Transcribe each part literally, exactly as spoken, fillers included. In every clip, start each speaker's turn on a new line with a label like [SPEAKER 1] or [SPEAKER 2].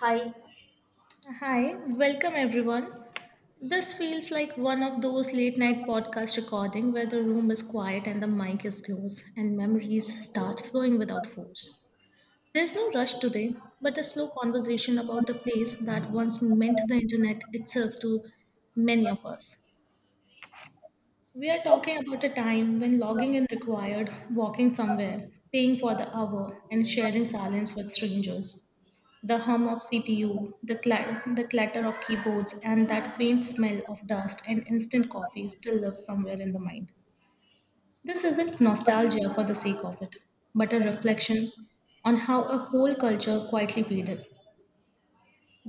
[SPEAKER 1] Hi,
[SPEAKER 2] Hi, welcome everyone. This feels like one of those late night podcast recording where the room is quiet and the mic is closed and memories start flowing without force. There's no rush today, but a slow conversation about the place that once meant the internet itself to many of us. We are talking about a time when logging in required walking somewhere, paying for the hour, and sharing silence with strangers. The hum of C P U, the, cla- the clatter of keyboards, and that faint smell of dust and instant coffee still lives somewhere in the mind. This isn't nostalgia for the sake of it, but a reflection on how a whole culture quietly faded.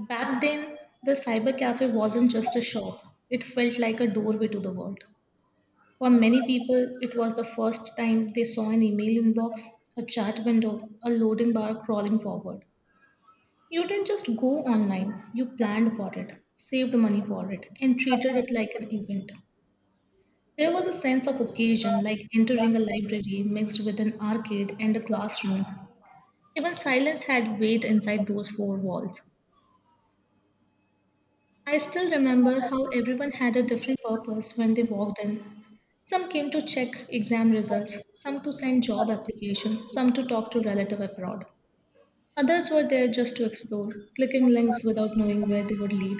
[SPEAKER 2] Back then, the cyber cafe wasn't just a shop, it felt like a doorway to the world. For many people, it was the first time they saw an email inbox, a chat window, a loading bar crawling forward. You didn't just go online, you planned for it, saved money for it, and treated it like an event. There was a sense of occasion, like entering a library mixed with an arcade and a classroom. Even silence had weight inside those four walls. I still remember how everyone had a different purpose when they walked in. Some came to check exam results, some to send job application, some to talk to relative abroad. Others were there just to explore, clicking links without knowing where they would lead.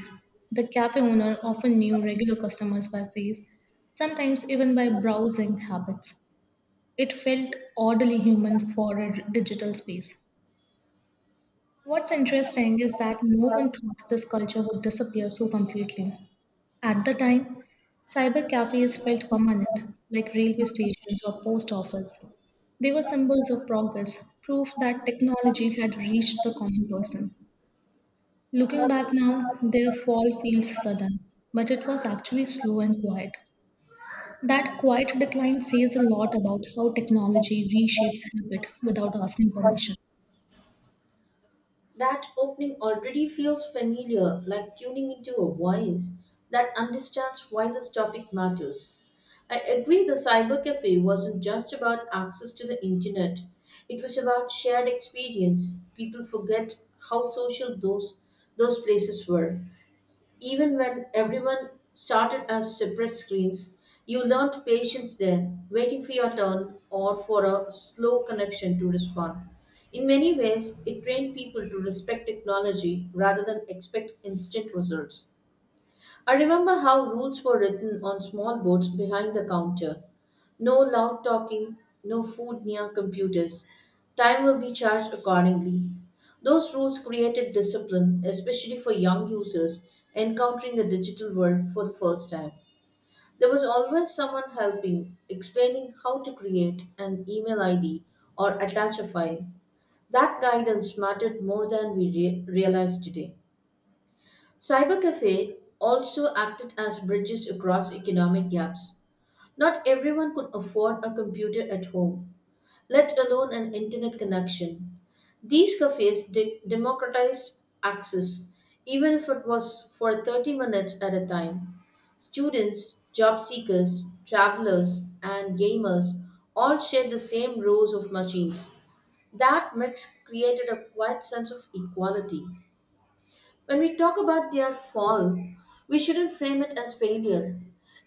[SPEAKER 2] The cafe owner often knew regular customers by face, sometimes even by browsing habits. It felt oddly human for a digital space. What's interesting is that no one thought this culture would disappear so completely. At the time, cyber cafes felt permanent, like railway stations or post office. They were symbols of progress, proof that technology had reached the common person. Looking back now, their fall feels sudden, but it was actually slow and quiet. That quiet decline says a lot about how technology reshapes habit without asking permission.
[SPEAKER 1] that opening already feels familiar, like tuning into a voice that understands why this topic matters. I agree the cyber cafe wasn't just about access to the internet. It was about shared experience. People forget how social those those places were. Even when everyone started as separate screens, you learned patience there, waiting for your turn or for a slow connection to respond. In many ways, it trained people to respect technology rather than expect instant results. I remember how rules were written on small boards behind the counter. No loud talking, no food near computers. Time will be charged accordingly. Those rules created discipline, especially for young users encountering the digital world for the first time. There was always someone helping, explaining how to create an email I D or attach a file. That guidance mattered more than we re- realize today. Cybercafe also acted as bridges across economic gaps. Not everyone could afford a computer at home, let alone an internet connection. These cafes de- democratized access, even if it was for thirty minutes at a time. Students, job seekers, travelers, and gamers all shared the same rows of machines. That mix created a quiet sense of equality. When we talk about their fall, we shouldn't frame it as failure.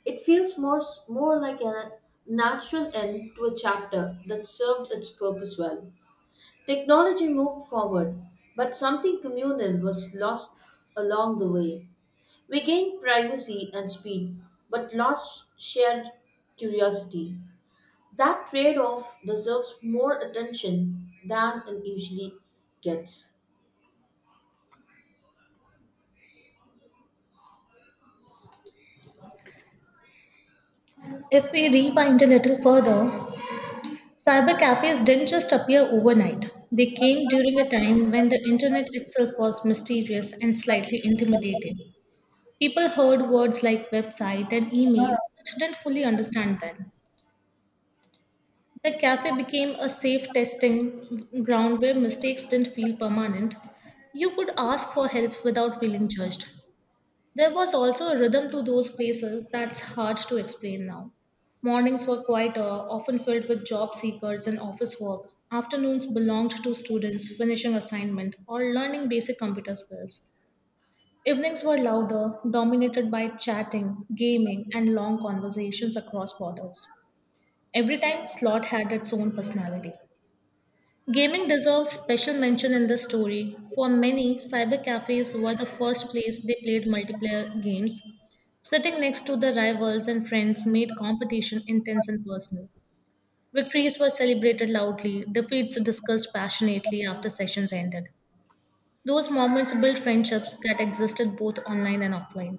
[SPEAKER 1] It feels more, more like a natural end to a chapter that served its purpose well. Technology moved forward, but something communal was lost along the way. We gained privacy and speed, but lost shared curiosity. That trade off deserves more attention than it usually gets.
[SPEAKER 2] If we rewind a little further, cyber cafes didn't just appear overnight. They came during a time when the internet itself was mysterious and slightly intimidating. People heard words like website and email but didn't fully understand them. The cafe became a safe testing ground where mistakes didn't feel permanent. You could ask for help without feeling judged. There was also a rhythm to those places that's hard to explain now. Mornings were quieter, often filled with job seekers and office work. Afternoons belonged to students finishing assignment or learning basic computer skills. Evenings were louder, dominated by chatting, gaming, and long conversations across borders. Every time slot had its own personality. Gaming deserves special mention in this story. For many, cyber cafes were the first place they played multiplayer games. Sitting next to the rivals and friends made competition intense and personal. Victories were celebrated loudly, defeats discussed passionately after sessions ended. Those moments built friendships that existed both online and offline.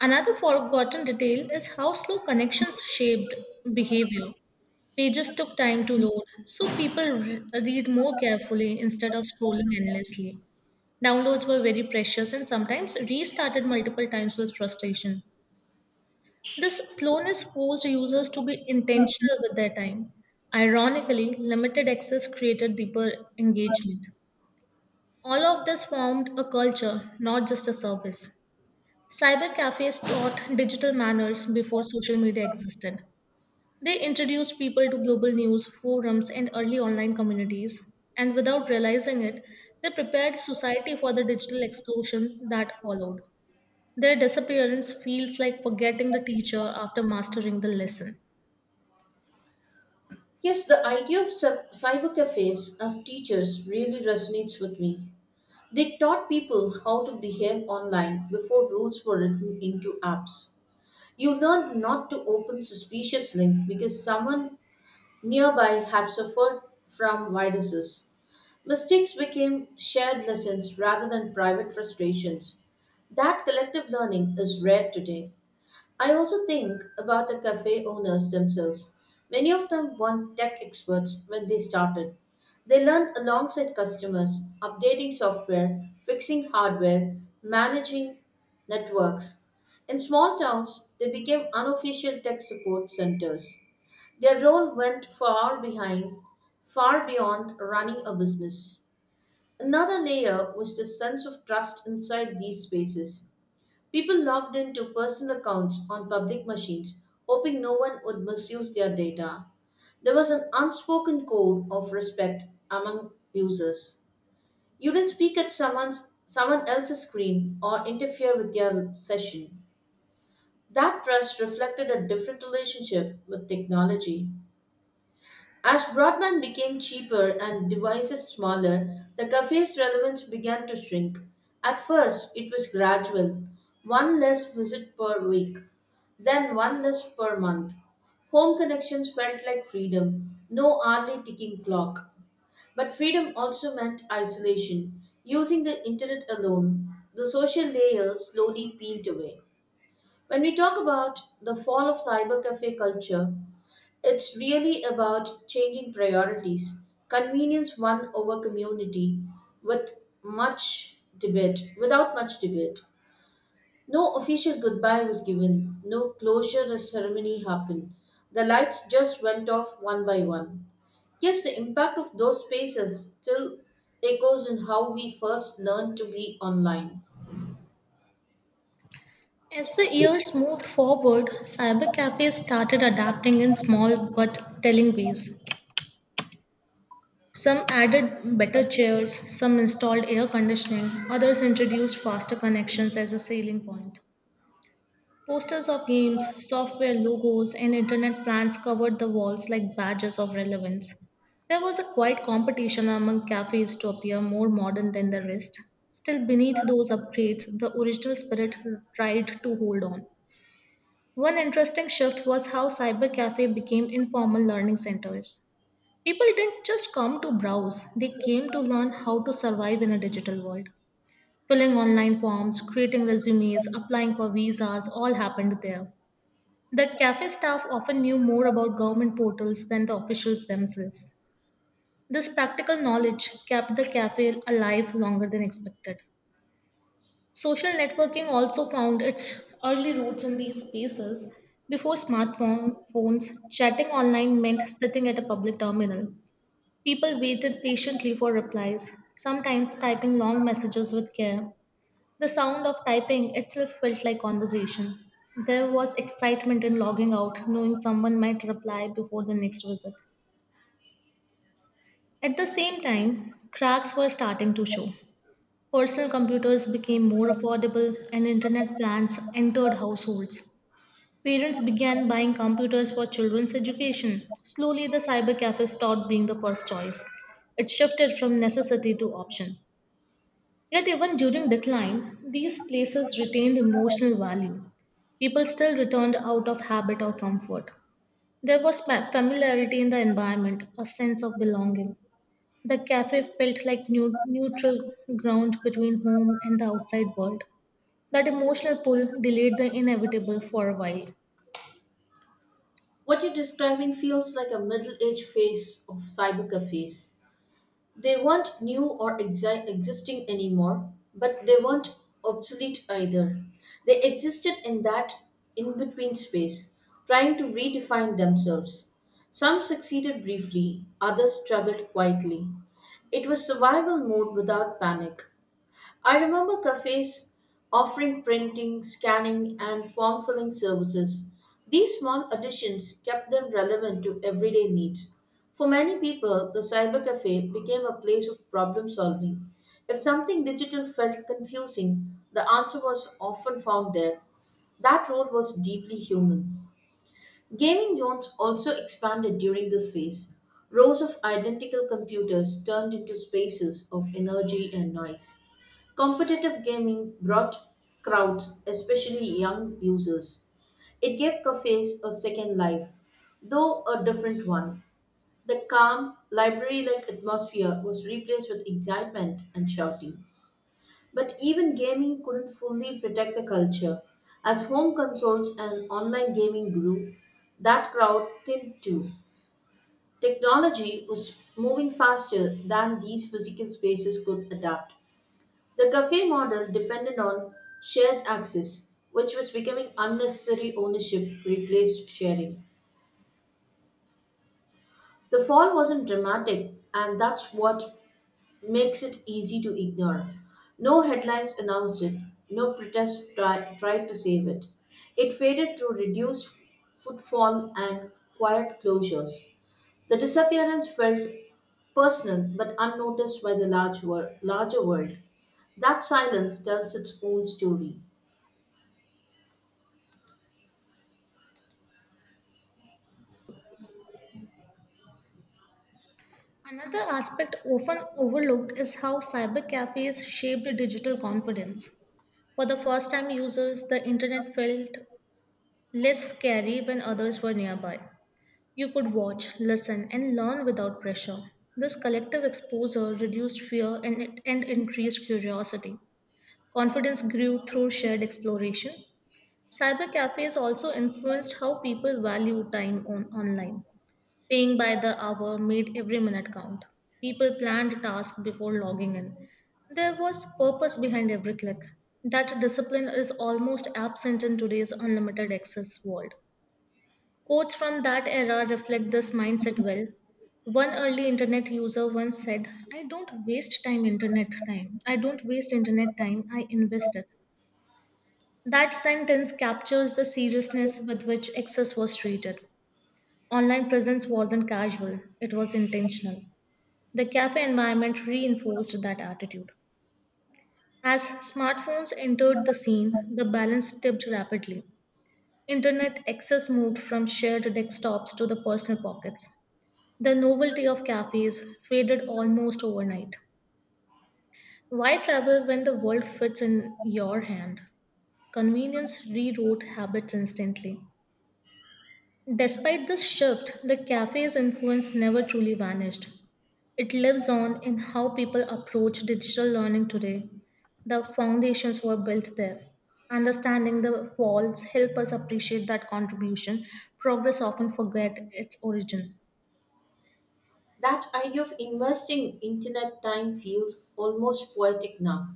[SPEAKER 2] Another forgotten detail is how slow connections shaped behavior. Pages took time to load, so people re- read more carefully instead of scrolling endlessly. Downloads were very precious and sometimes restarted multiple times with frustration. This slowness forced users to be intentional with their time. Ironically, limited access created deeper engagement. All of this formed a culture, not just a service. Cyber cafes taught digital manners before social media existed. They introduced people to global news, forums, and early online communities, and without realizing it, they prepared society for the digital explosion that followed. Their disappearance feels like forgetting the teacher after mastering the lesson.
[SPEAKER 1] Yes, the idea of cy- cyber cafes as teachers really resonates with me. They taught people how to behave online before rules were written into apps. You learned not to open suspicious links because someone nearby had suffered from viruses. Mistakes became shared lessons rather than private frustrations. That collective learning is rare today. I also think about the cafe owners themselves. Many of them weren't tech experts when they started. They learned alongside customers, updating software, fixing hardware, managing networks. In small towns, they became unofficial tech support centers. Their role went far behind, far beyond running a business. Another layer was the sense of trust inside these spaces. People logged into personal accounts on public machines, hoping no one would misuse their data. There was an unspoken code of respect among users. You didn't speak at someone's someone else's screen or interfere with their session. That trust reflected a different relationship with technology. As broadband became cheaper and devices smaller, the cafe's relevance began to shrink. At first, it was gradual one less visit per week, then one less per month. Home connections felt like freedom, no hourly ticking clock. But freedom also meant isolation, using the internet alone. The social layer slowly peeled away. When we talk about the fall of cybercafe culture, it's really about changing priorities. Convenience won over community with much debate, without much debate. No official goodbye was given, no closure ceremony happened. The lights just went off one by one. Yes, the impact of those spaces still echoes in how we first learned to be online.
[SPEAKER 2] As the years moved forward, cyber cafes started adapting in small but telling ways. Some added better chairs, some installed air conditioning, others introduced faster connections as a selling point. Posters of games, software logos, and internet plans covered the walls like badges of relevance. There was a quiet competition among cafes to appear more modern than the rest. Still, beneath those upgrades, the original spirit tried to hold on. One interesting shift was how cyber cafe became informal learning centers. People didn't just come to browse, they came to learn how to survive in a digital world. Filling online forms, creating resumes, applying for visas all happened there. The cafe staff often knew more about government portals than the officials themselves. This practical knowledge kept the cafe alive longer than expected. Social networking also found its early roots in these spaces. Before smartphone- phones, chatting online meant sitting at a public terminal. People waited patiently for replies, sometimes typing long messages with care. The sound of typing itself felt like conversation. There was excitement in logging out, knowing someone might reply before the next visit. At the same time, cracks were starting to show. Personal computers became more affordable and internet plans entered households. Parents began buying computers for children's education. Slowly, the cyber cafes stopped being the first choice. It shifted from necessity to option. Yet, even during decline, these places retained emotional value. People still returned out of habit or comfort. There was fa- familiarity in the environment, a sense of belonging. The cafe felt like new, neutral ground between home and the outside world. That emotional pull delayed the inevitable for a while.
[SPEAKER 1] What you're describing feels like a middle aged phase of cyber cafes. They weren't new or exi- existing anymore, but they weren't obsolete either. They existed in that in between space, trying to redefine themselves. Some succeeded briefly, others struggled quietly. It was survival mode without panic. I remember cafes offering printing, scanning, and form filling services. These small additions kept them relevant to everyday needs. For many people, the cyber cafe became a place of problem solving. If something digital felt confusing, the answer was often found there. That role was deeply human. Gaming zones also expanded during this phase. Rows of identical computers turned into spaces of energy and noise. Competitive gaming brought crowds, especially young users. It gave cafes a second life, though a different one. The calm, library like atmosphere was replaced with excitement and shouting. But even gaming couldn't fully protect the culture. As home consoles and online gaming grew, that crowd thinned too. Technology was moving faster than these physical spaces could adapt. The cafe model depended on shared access, which was becoming unnecessary ownership replaced sharing. The fall wasn't dramatic, and that's what makes it easy to ignore. No headlines announced it, no protest try, tried to save it. It faded through reduced footfall and quiet closures. The disappearance felt personal but unnoticed by the large wor- larger world. That silence tells its own story.
[SPEAKER 2] Another aspect often overlooked is how cyber cafes shaped digital confidence. For the first time users, the internet felt less scary when others were nearby. You could watch, listen, and learn without pressure. This collective exposure reduced fear and, and increased curiosity. Confidence grew through shared exploration. Cyber cafes also influenced how people value time on online. Paying by the hour made every minute count. People planned tasks before logging in. There was purpose behind every click. That discipline is almost absent in today's unlimited access world. Quotes from that era reflect this mindset well. One early internet user once said, I don't waste time internet time. I don't waste internet time, I invest it. That sentence captures the seriousness with which excess was treated. Online presence wasn't casual, it was intentional. The cafe environment reinforced that attitude. As smartphones entered the scene, the balance tipped rapidly. Internet access moved from shared desktops to the personal pockets. The novelty of cafes faded almost overnight. Why travel when the world fits in your hand? Convenience rewrote habits instantly. Despite this shift, the cafe's influence never truly vanished. It lives on in how people approach digital learning today. The foundations were built there. Understanding the falls help us appreciate that contribution. Progress often forget its origin.
[SPEAKER 1] That idea of investing internet time feels almost poetic now.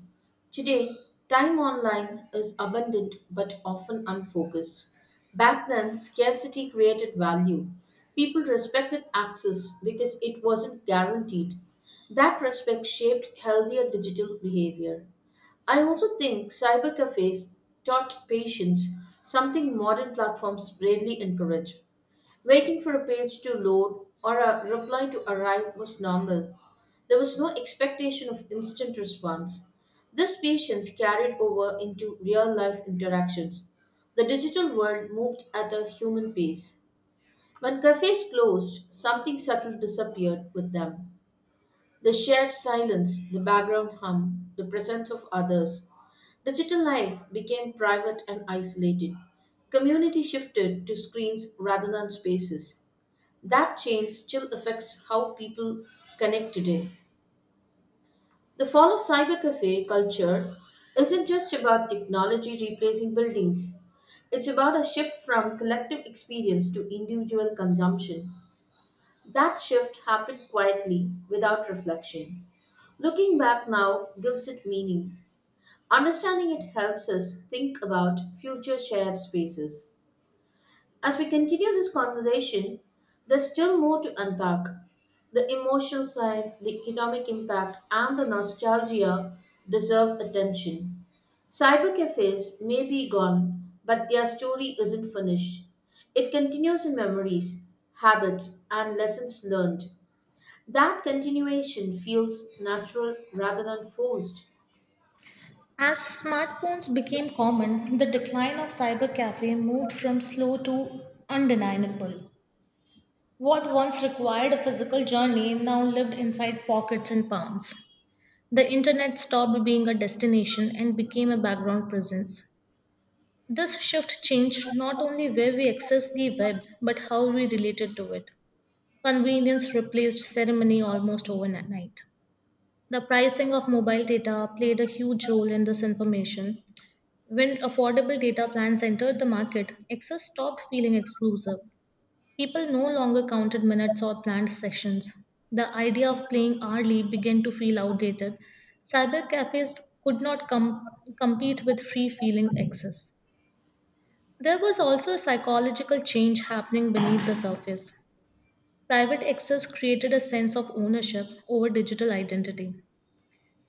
[SPEAKER 1] Today, time online is abundant but often unfocused. Back then, scarcity created value. People respected access because it wasn't guaranteed. That respect shaped healthier digital behavior. I also think cyber cafes taught patience, something modern platforms rarely encourage. Waiting for a page to load or a reply to arrive was normal. There was no expectation of instant response. This patience carried over into real life interactions. The digital world moved at a human pace. When cafes closed, something subtle disappeared with them. The shared silence, the background hum, the presence of others. Digital life became private and isolated. Community shifted to screens rather than spaces. That change still affects how people connect today. The fall of cybercafe culture isn't just about technology replacing buildings, it's about a shift from collective experience to individual consumption. That shift happened quietly, without reflection. Looking back now gives it meaning. Understanding it helps us think about future shared spaces. As we continue this conversation, there's still more to unpack the emotional side, the economic impact, and the nostalgia deserve attention. Cyber cafes may be gone, but their story isn't finished. It continues in memories, habits, and lessons learned. That continuation feels natural rather than forced.
[SPEAKER 2] As smartphones became common, the decline of cybercafe moved from slow to undeniable. What once required a physical journey now lived inside pockets and palms. The internet stopped being a destination and became a background presence. This shift changed not only where we access the web, but how we related to it. Convenience replaced ceremony almost overnight. The pricing of mobile data played a huge role in this information. When affordable data plans entered the market, access stopped feeling exclusive. People no longer counted minutes or planned sessions. The idea of playing hourly began to feel outdated. Cyber cafes could not com- compete with free feeling access. There was also a psychological change happening beneath the surface. Private access created a sense of ownership over digital identity.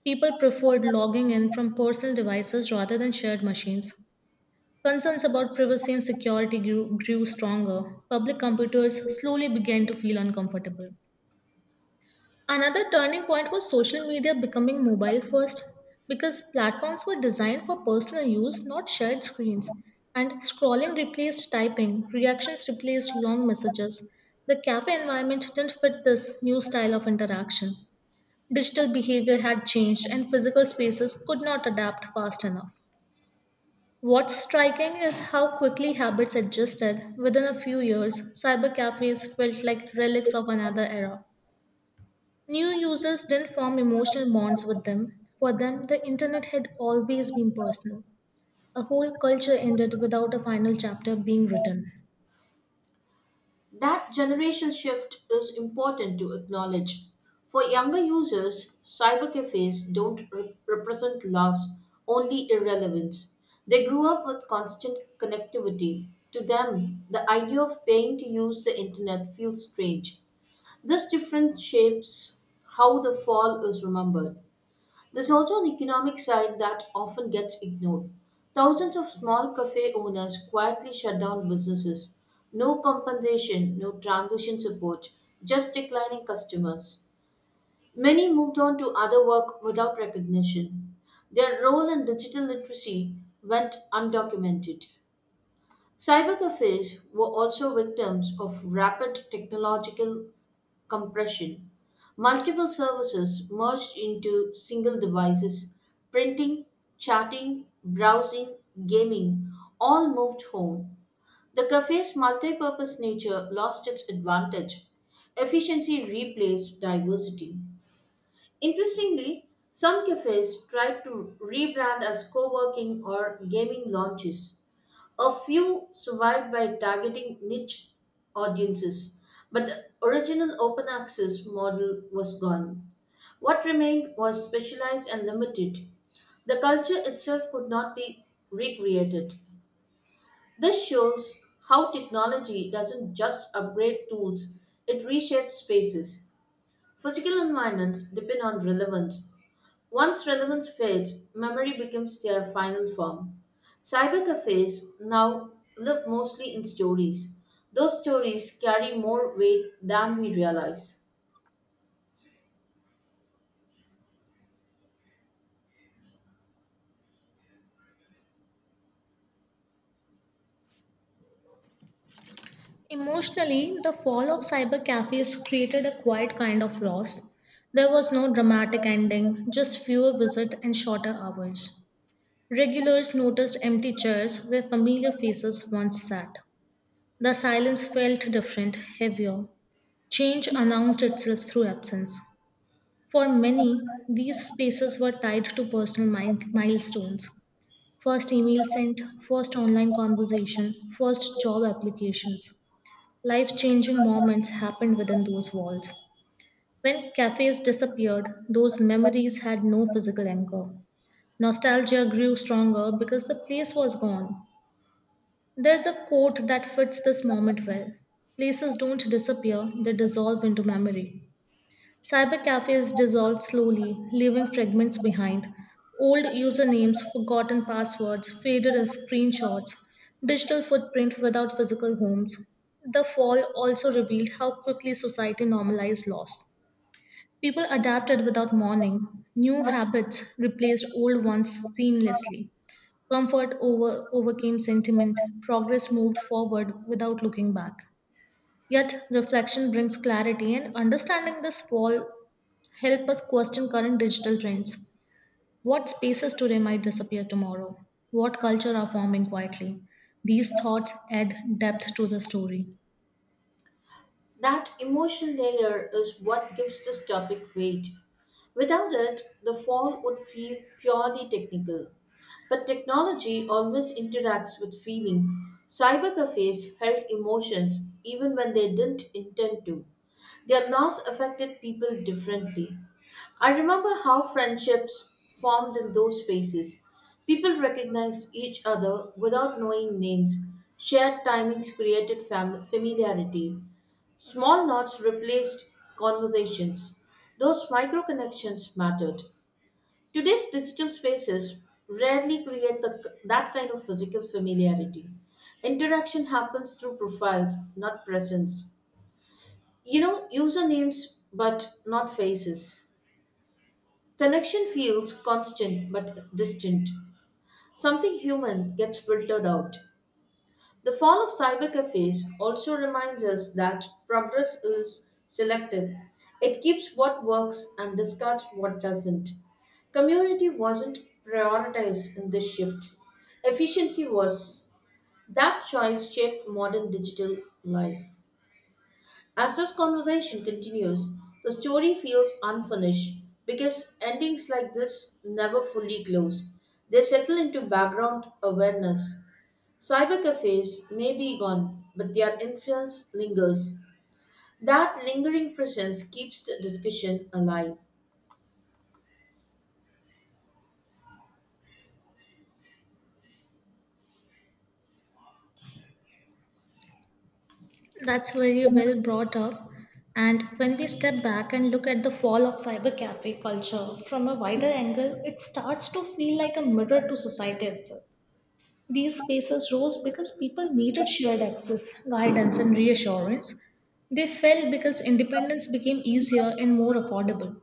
[SPEAKER 2] People preferred logging in from personal devices rather than shared machines. Concerns about privacy and security grew, grew stronger. Public computers slowly began to feel uncomfortable. Another turning point was social media becoming mobile first because platforms were designed for personal use, not shared screens. And scrolling replaced typing, reactions replaced long messages. The cafe environment didn't fit this new style of interaction. Digital behavior had changed, and physical spaces could not adapt fast enough. What's striking is how quickly habits adjusted. Within a few years, cyber cafes felt like relics of another era. New users didn't form emotional bonds with them. For them, the internet had always been personal. A whole culture ended without a final chapter being written.
[SPEAKER 1] That generational shift is important to acknowledge. For younger users, cyber cafes don't re- represent loss, only irrelevance. They grew up with constant connectivity. To them, the idea of paying to use the internet feels strange. This difference shapes how the fall is remembered. There's also an economic side that often gets ignored. Thousands of small cafe owners quietly shut down businesses. No compensation, no transition support, just declining customers. Many moved on to other work without recognition. Their role in digital literacy went undocumented. Cyber cafes were also victims of rapid technological compression. Multiple services merged into single devices, printing, chatting, browsing, gaming, all moved home. The cafe's multi-purpose nature lost its advantage. Efficiency replaced diversity. Interestingly, some cafes tried to rebrand as co working or gaming lounges. A few survived by targeting niche audiences, but the original open access model was gone. What remained was specialized and limited. The culture itself could not be recreated. This shows how technology doesn't just upgrade tools, it reshapes spaces. Physical environments depend on relevance, once relevance fades, memory becomes their final form. Cybercafes now live mostly in stories. Those stories carry more weight than we realize.
[SPEAKER 2] Emotionally, the fall of cyber cafes created a quiet kind of loss. There was no dramatic ending, just fewer visits and shorter hours. Regulars noticed empty chairs where familiar faces once sat. The silence felt different, heavier. Change announced itself through absence. For many, these spaces were tied to personal mi- milestones first email sent, first online conversation, first job applications. Life changing moments happened within those walls. When cafes disappeared, those memories had no physical anchor. Nostalgia grew stronger because the place was gone. There's a quote that fits this moment well. Places don't disappear, they dissolve into memory. Cyber cafes dissolve slowly, leaving fragments behind. Old usernames, forgotten passwords, faded screenshots, digital footprint without physical homes. The fall also revealed how quickly society normalized loss. People adapted without mourning. New habits replaced old ones seamlessly. Comfort over, overcame sentiment. Progress moved forward without looking back. Yet, reflection brings clarity, and understanding this fall help us question current digital trends. What spaces today might disappear tomorrow? What culture are forming quietly? These thoughts add depth to the story.
[SPEAKER 1] That emotional layer is what gives this topic weight. Without it, the fall would feel purely technical. But technology always interacts with feeling. Cybercafes held emotions even when they didn't intend to. Their loss affected people differently. I remember how friendships formed in those spaces. People recognized each other without knowing names. Shared timings created fam- familiarity. Small nods replaced conversations. Those micro connections mattered. Today's digital spaces rarely create the, that kind of physical familiarity. Interaction happens through profiles, not presence. You know, usernames, but not faces. Connection feels constant but distant. Something human gets filtered out. The fall of cybercafes also reminds us that progress is selective. It keeps what works and discards what doesn't. Community wasn't prioritized in this shift. Efficiency was. That choice shaped modern digital life. As this conversation continues, the story feels unfinished because endings like this never fully close. They settle into background awareness. Cyber cafes may be gone, but their influence lingers. That lingering presence keeps the discussion alive.
[SPEAKER 2] That's very well brought up. And when we step back and look at the fall of cyber cafe culture from a wider angle, it starts to feel like a mirror to society itself. These spaces rose because people needed shared access, guidance, and reassurance. They fell because independence became easier and more affordable.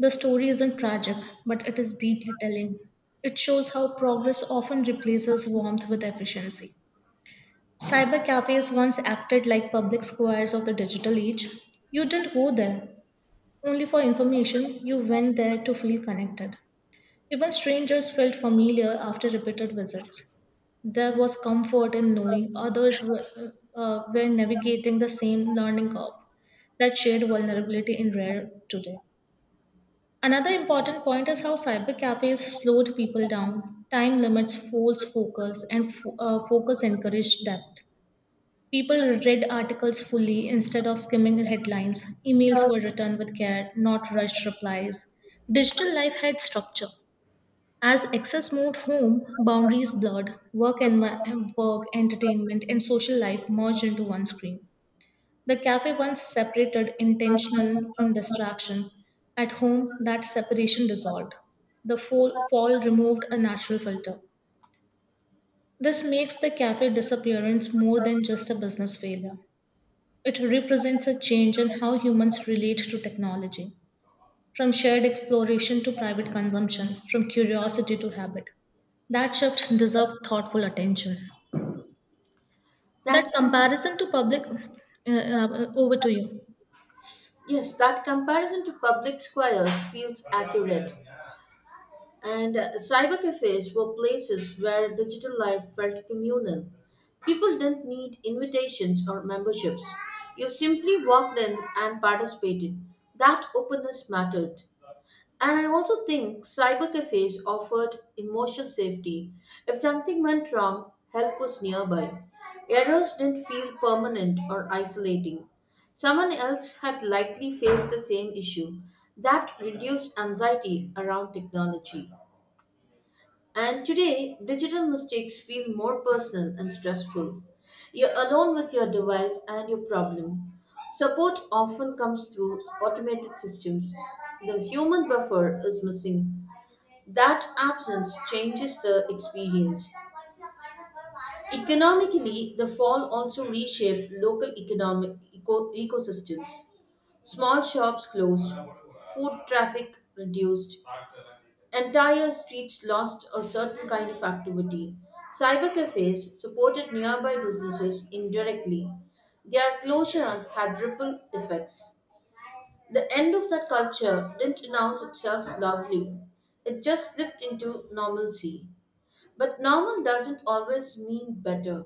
[SPEAKER 2] The story isn't tragic, but it is deeply telling. It shows how progress often replaces warmth with efficiency. Cyber cafes once acted like public squares of the digital age. You didn't go there only for information, you went there to feel connected. Even strangers felt familiar after repeated visits. There was comfort in knowing others were, uh, were navigating the same learning curve, that shared vulnerability in rare today. Another important point is how cyber cafes slowed people down. Time limits forced focus, and fo- uh, focus encouraged depth. People read articles fully instead of skimming headlines. Emails were written with care, not rushed replies. Digital life had structure, as excess moved home, boundaries blurred, work and work, entertainment, and social life merged into one screen. The cafe once separated intentional from distraction. At home, that separation dissolved. The fall, fall removed a natural filter. This makes the cafe disappearance more than just a business failure. It represents a change in how humans relate to technology from shared exploration to private consumption, from curiosity to habit. That shift deserves thoughtful attention. That
[SPEAKER 1] That
[SPEAKER 2] comparison to public, uh, uh, Over to you.
[SPEAKER 1] yes, that comparison to public squares feels accurate. And uh, cyber cafes were places where digital life felt communal. People didn't need invitations or memberships. You simply walked in and participated. That openness mattered. And I also think cyber cafes offered emotional safety. If something went wrong, help was nearby. Errors didn't feel permanent or isolating. Someone else had likely faced the same issue. That reduced anxiety around technology. And today, digital mistakes feel more personal and stressful. You're alone with your device and your problem. Support often comes through automated systems. The human buffer is missing. That absence changes the experience. Economically, the fall also reshaped local economic eco- ecosystems. Small shops closed, food traffic reduced, entire streets lost a certain kind of activity. Cyber cafes supported nearby businesses indirectly. Their closure had ripple effects. The end of that culture didn't announce itself loudly, it just slipped into normalcy. But normal doesn't always mean better.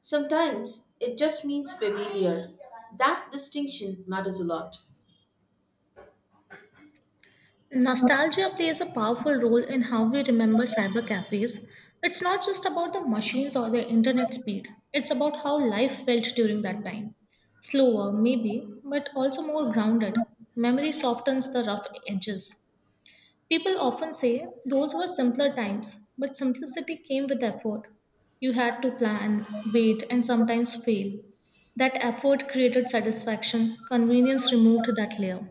[SPEAKER 1] Sometimes it just means familiar. That distinction matters a lot.
[SPEAKER 2] Nostalgia plays a powerful role in how we remember cyber cafes. It's not just about the machines or the internet speed, it's about how life felt during that time. Slower, maybe, but also more grounded. Memory softens the rough edges. People often say those were simpler times, but simplicity came with effort. You had to plan, wait, and sometimes fail. That effort created satisfaction, convenience removed that layer.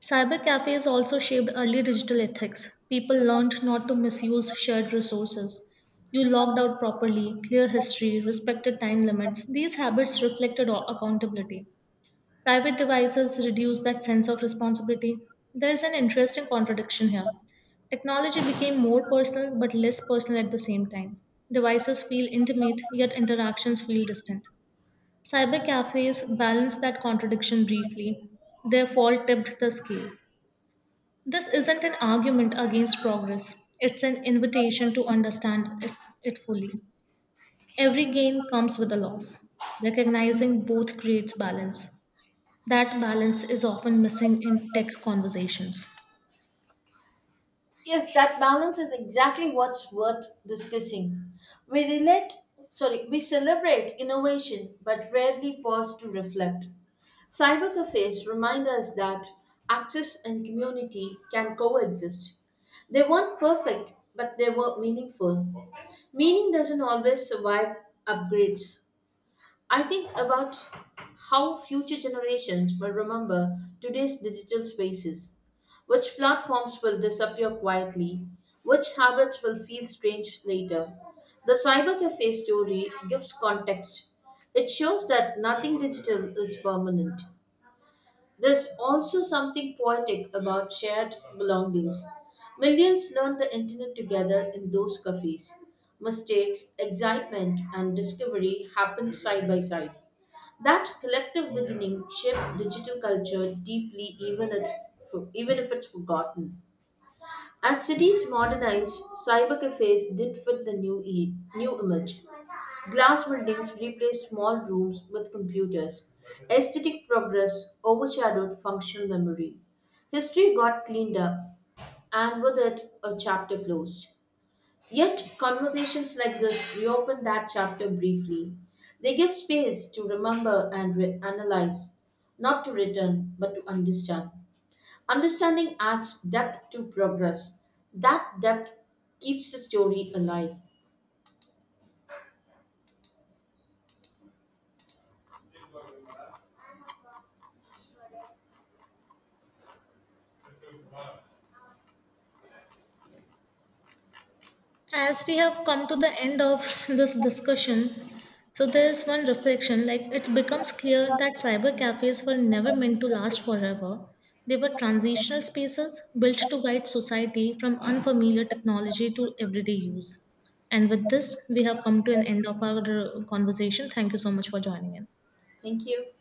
[SPEAKER 2] Cyber cafes also shaped early digital ethics. People learned not to misuse shared resources. You logged out properly, clear history, respected time limits. These habits reflected o- accountability. Private devices reduce that sense of responsibility. There is an interesting contradiction here. Technology became more personal but less personal at the same time. Devices feel intimate, yet interactions feel distant. Cyber cafes balance that contradiction briefly. Their fall tipped the scale. This isn't an argument against progress, it's an invitation to understand it, it fully. Every gain comes with a loss. Recognizing both creates balance. That balance is often missing in tech conversations.
[SPEAKER 1] Yes, that balance is exactly what's worth discussing. We relate, sorry, we celebrate innovation but rarely pause to reflect. Cyber cafes remind us that access and community can coexist. They weren't perfect, but they were meaningful. Meaning doesn't always survive upgrades. I think about how future generations will remember today's digital spaces. Which platforms will disappear quietly? Which habits will feel strange later? The cyber cafe story gives context. It shows that nothing digital is permanent. There's also something poetic about shared belongings. Millions learned the internet together in those cafes. Mistakes, excitement, and discovery happened side by side. That collective beginning shaped digital culture deeply, even, it's, even if it's forgotten. As cities modernized, cyber cafes did fit the new, e- new image. Glass buildings replaced small rooms with computers. Aesthetic progress overshadowed functional memory. History got cleaned up, and with it, a chapter closed. Yet, conversations like this reopen that chapter briefly. They give space to remember and re- analyze, not to return, but to understand. Understanding adds depth to progress. That depth keeps the story alive.
[SPEAKER 2] As we have come to the end of this discussion, so there is one reflection like it becomes clear that cyber cafes were never meant to last forever. They were transitional spaces built to guide society from unfamiliar technology to everyday use. And with this, we have come to an end of our uh, conversation. Thank you so much for joining in.
[SPEAKER 1] Thank you.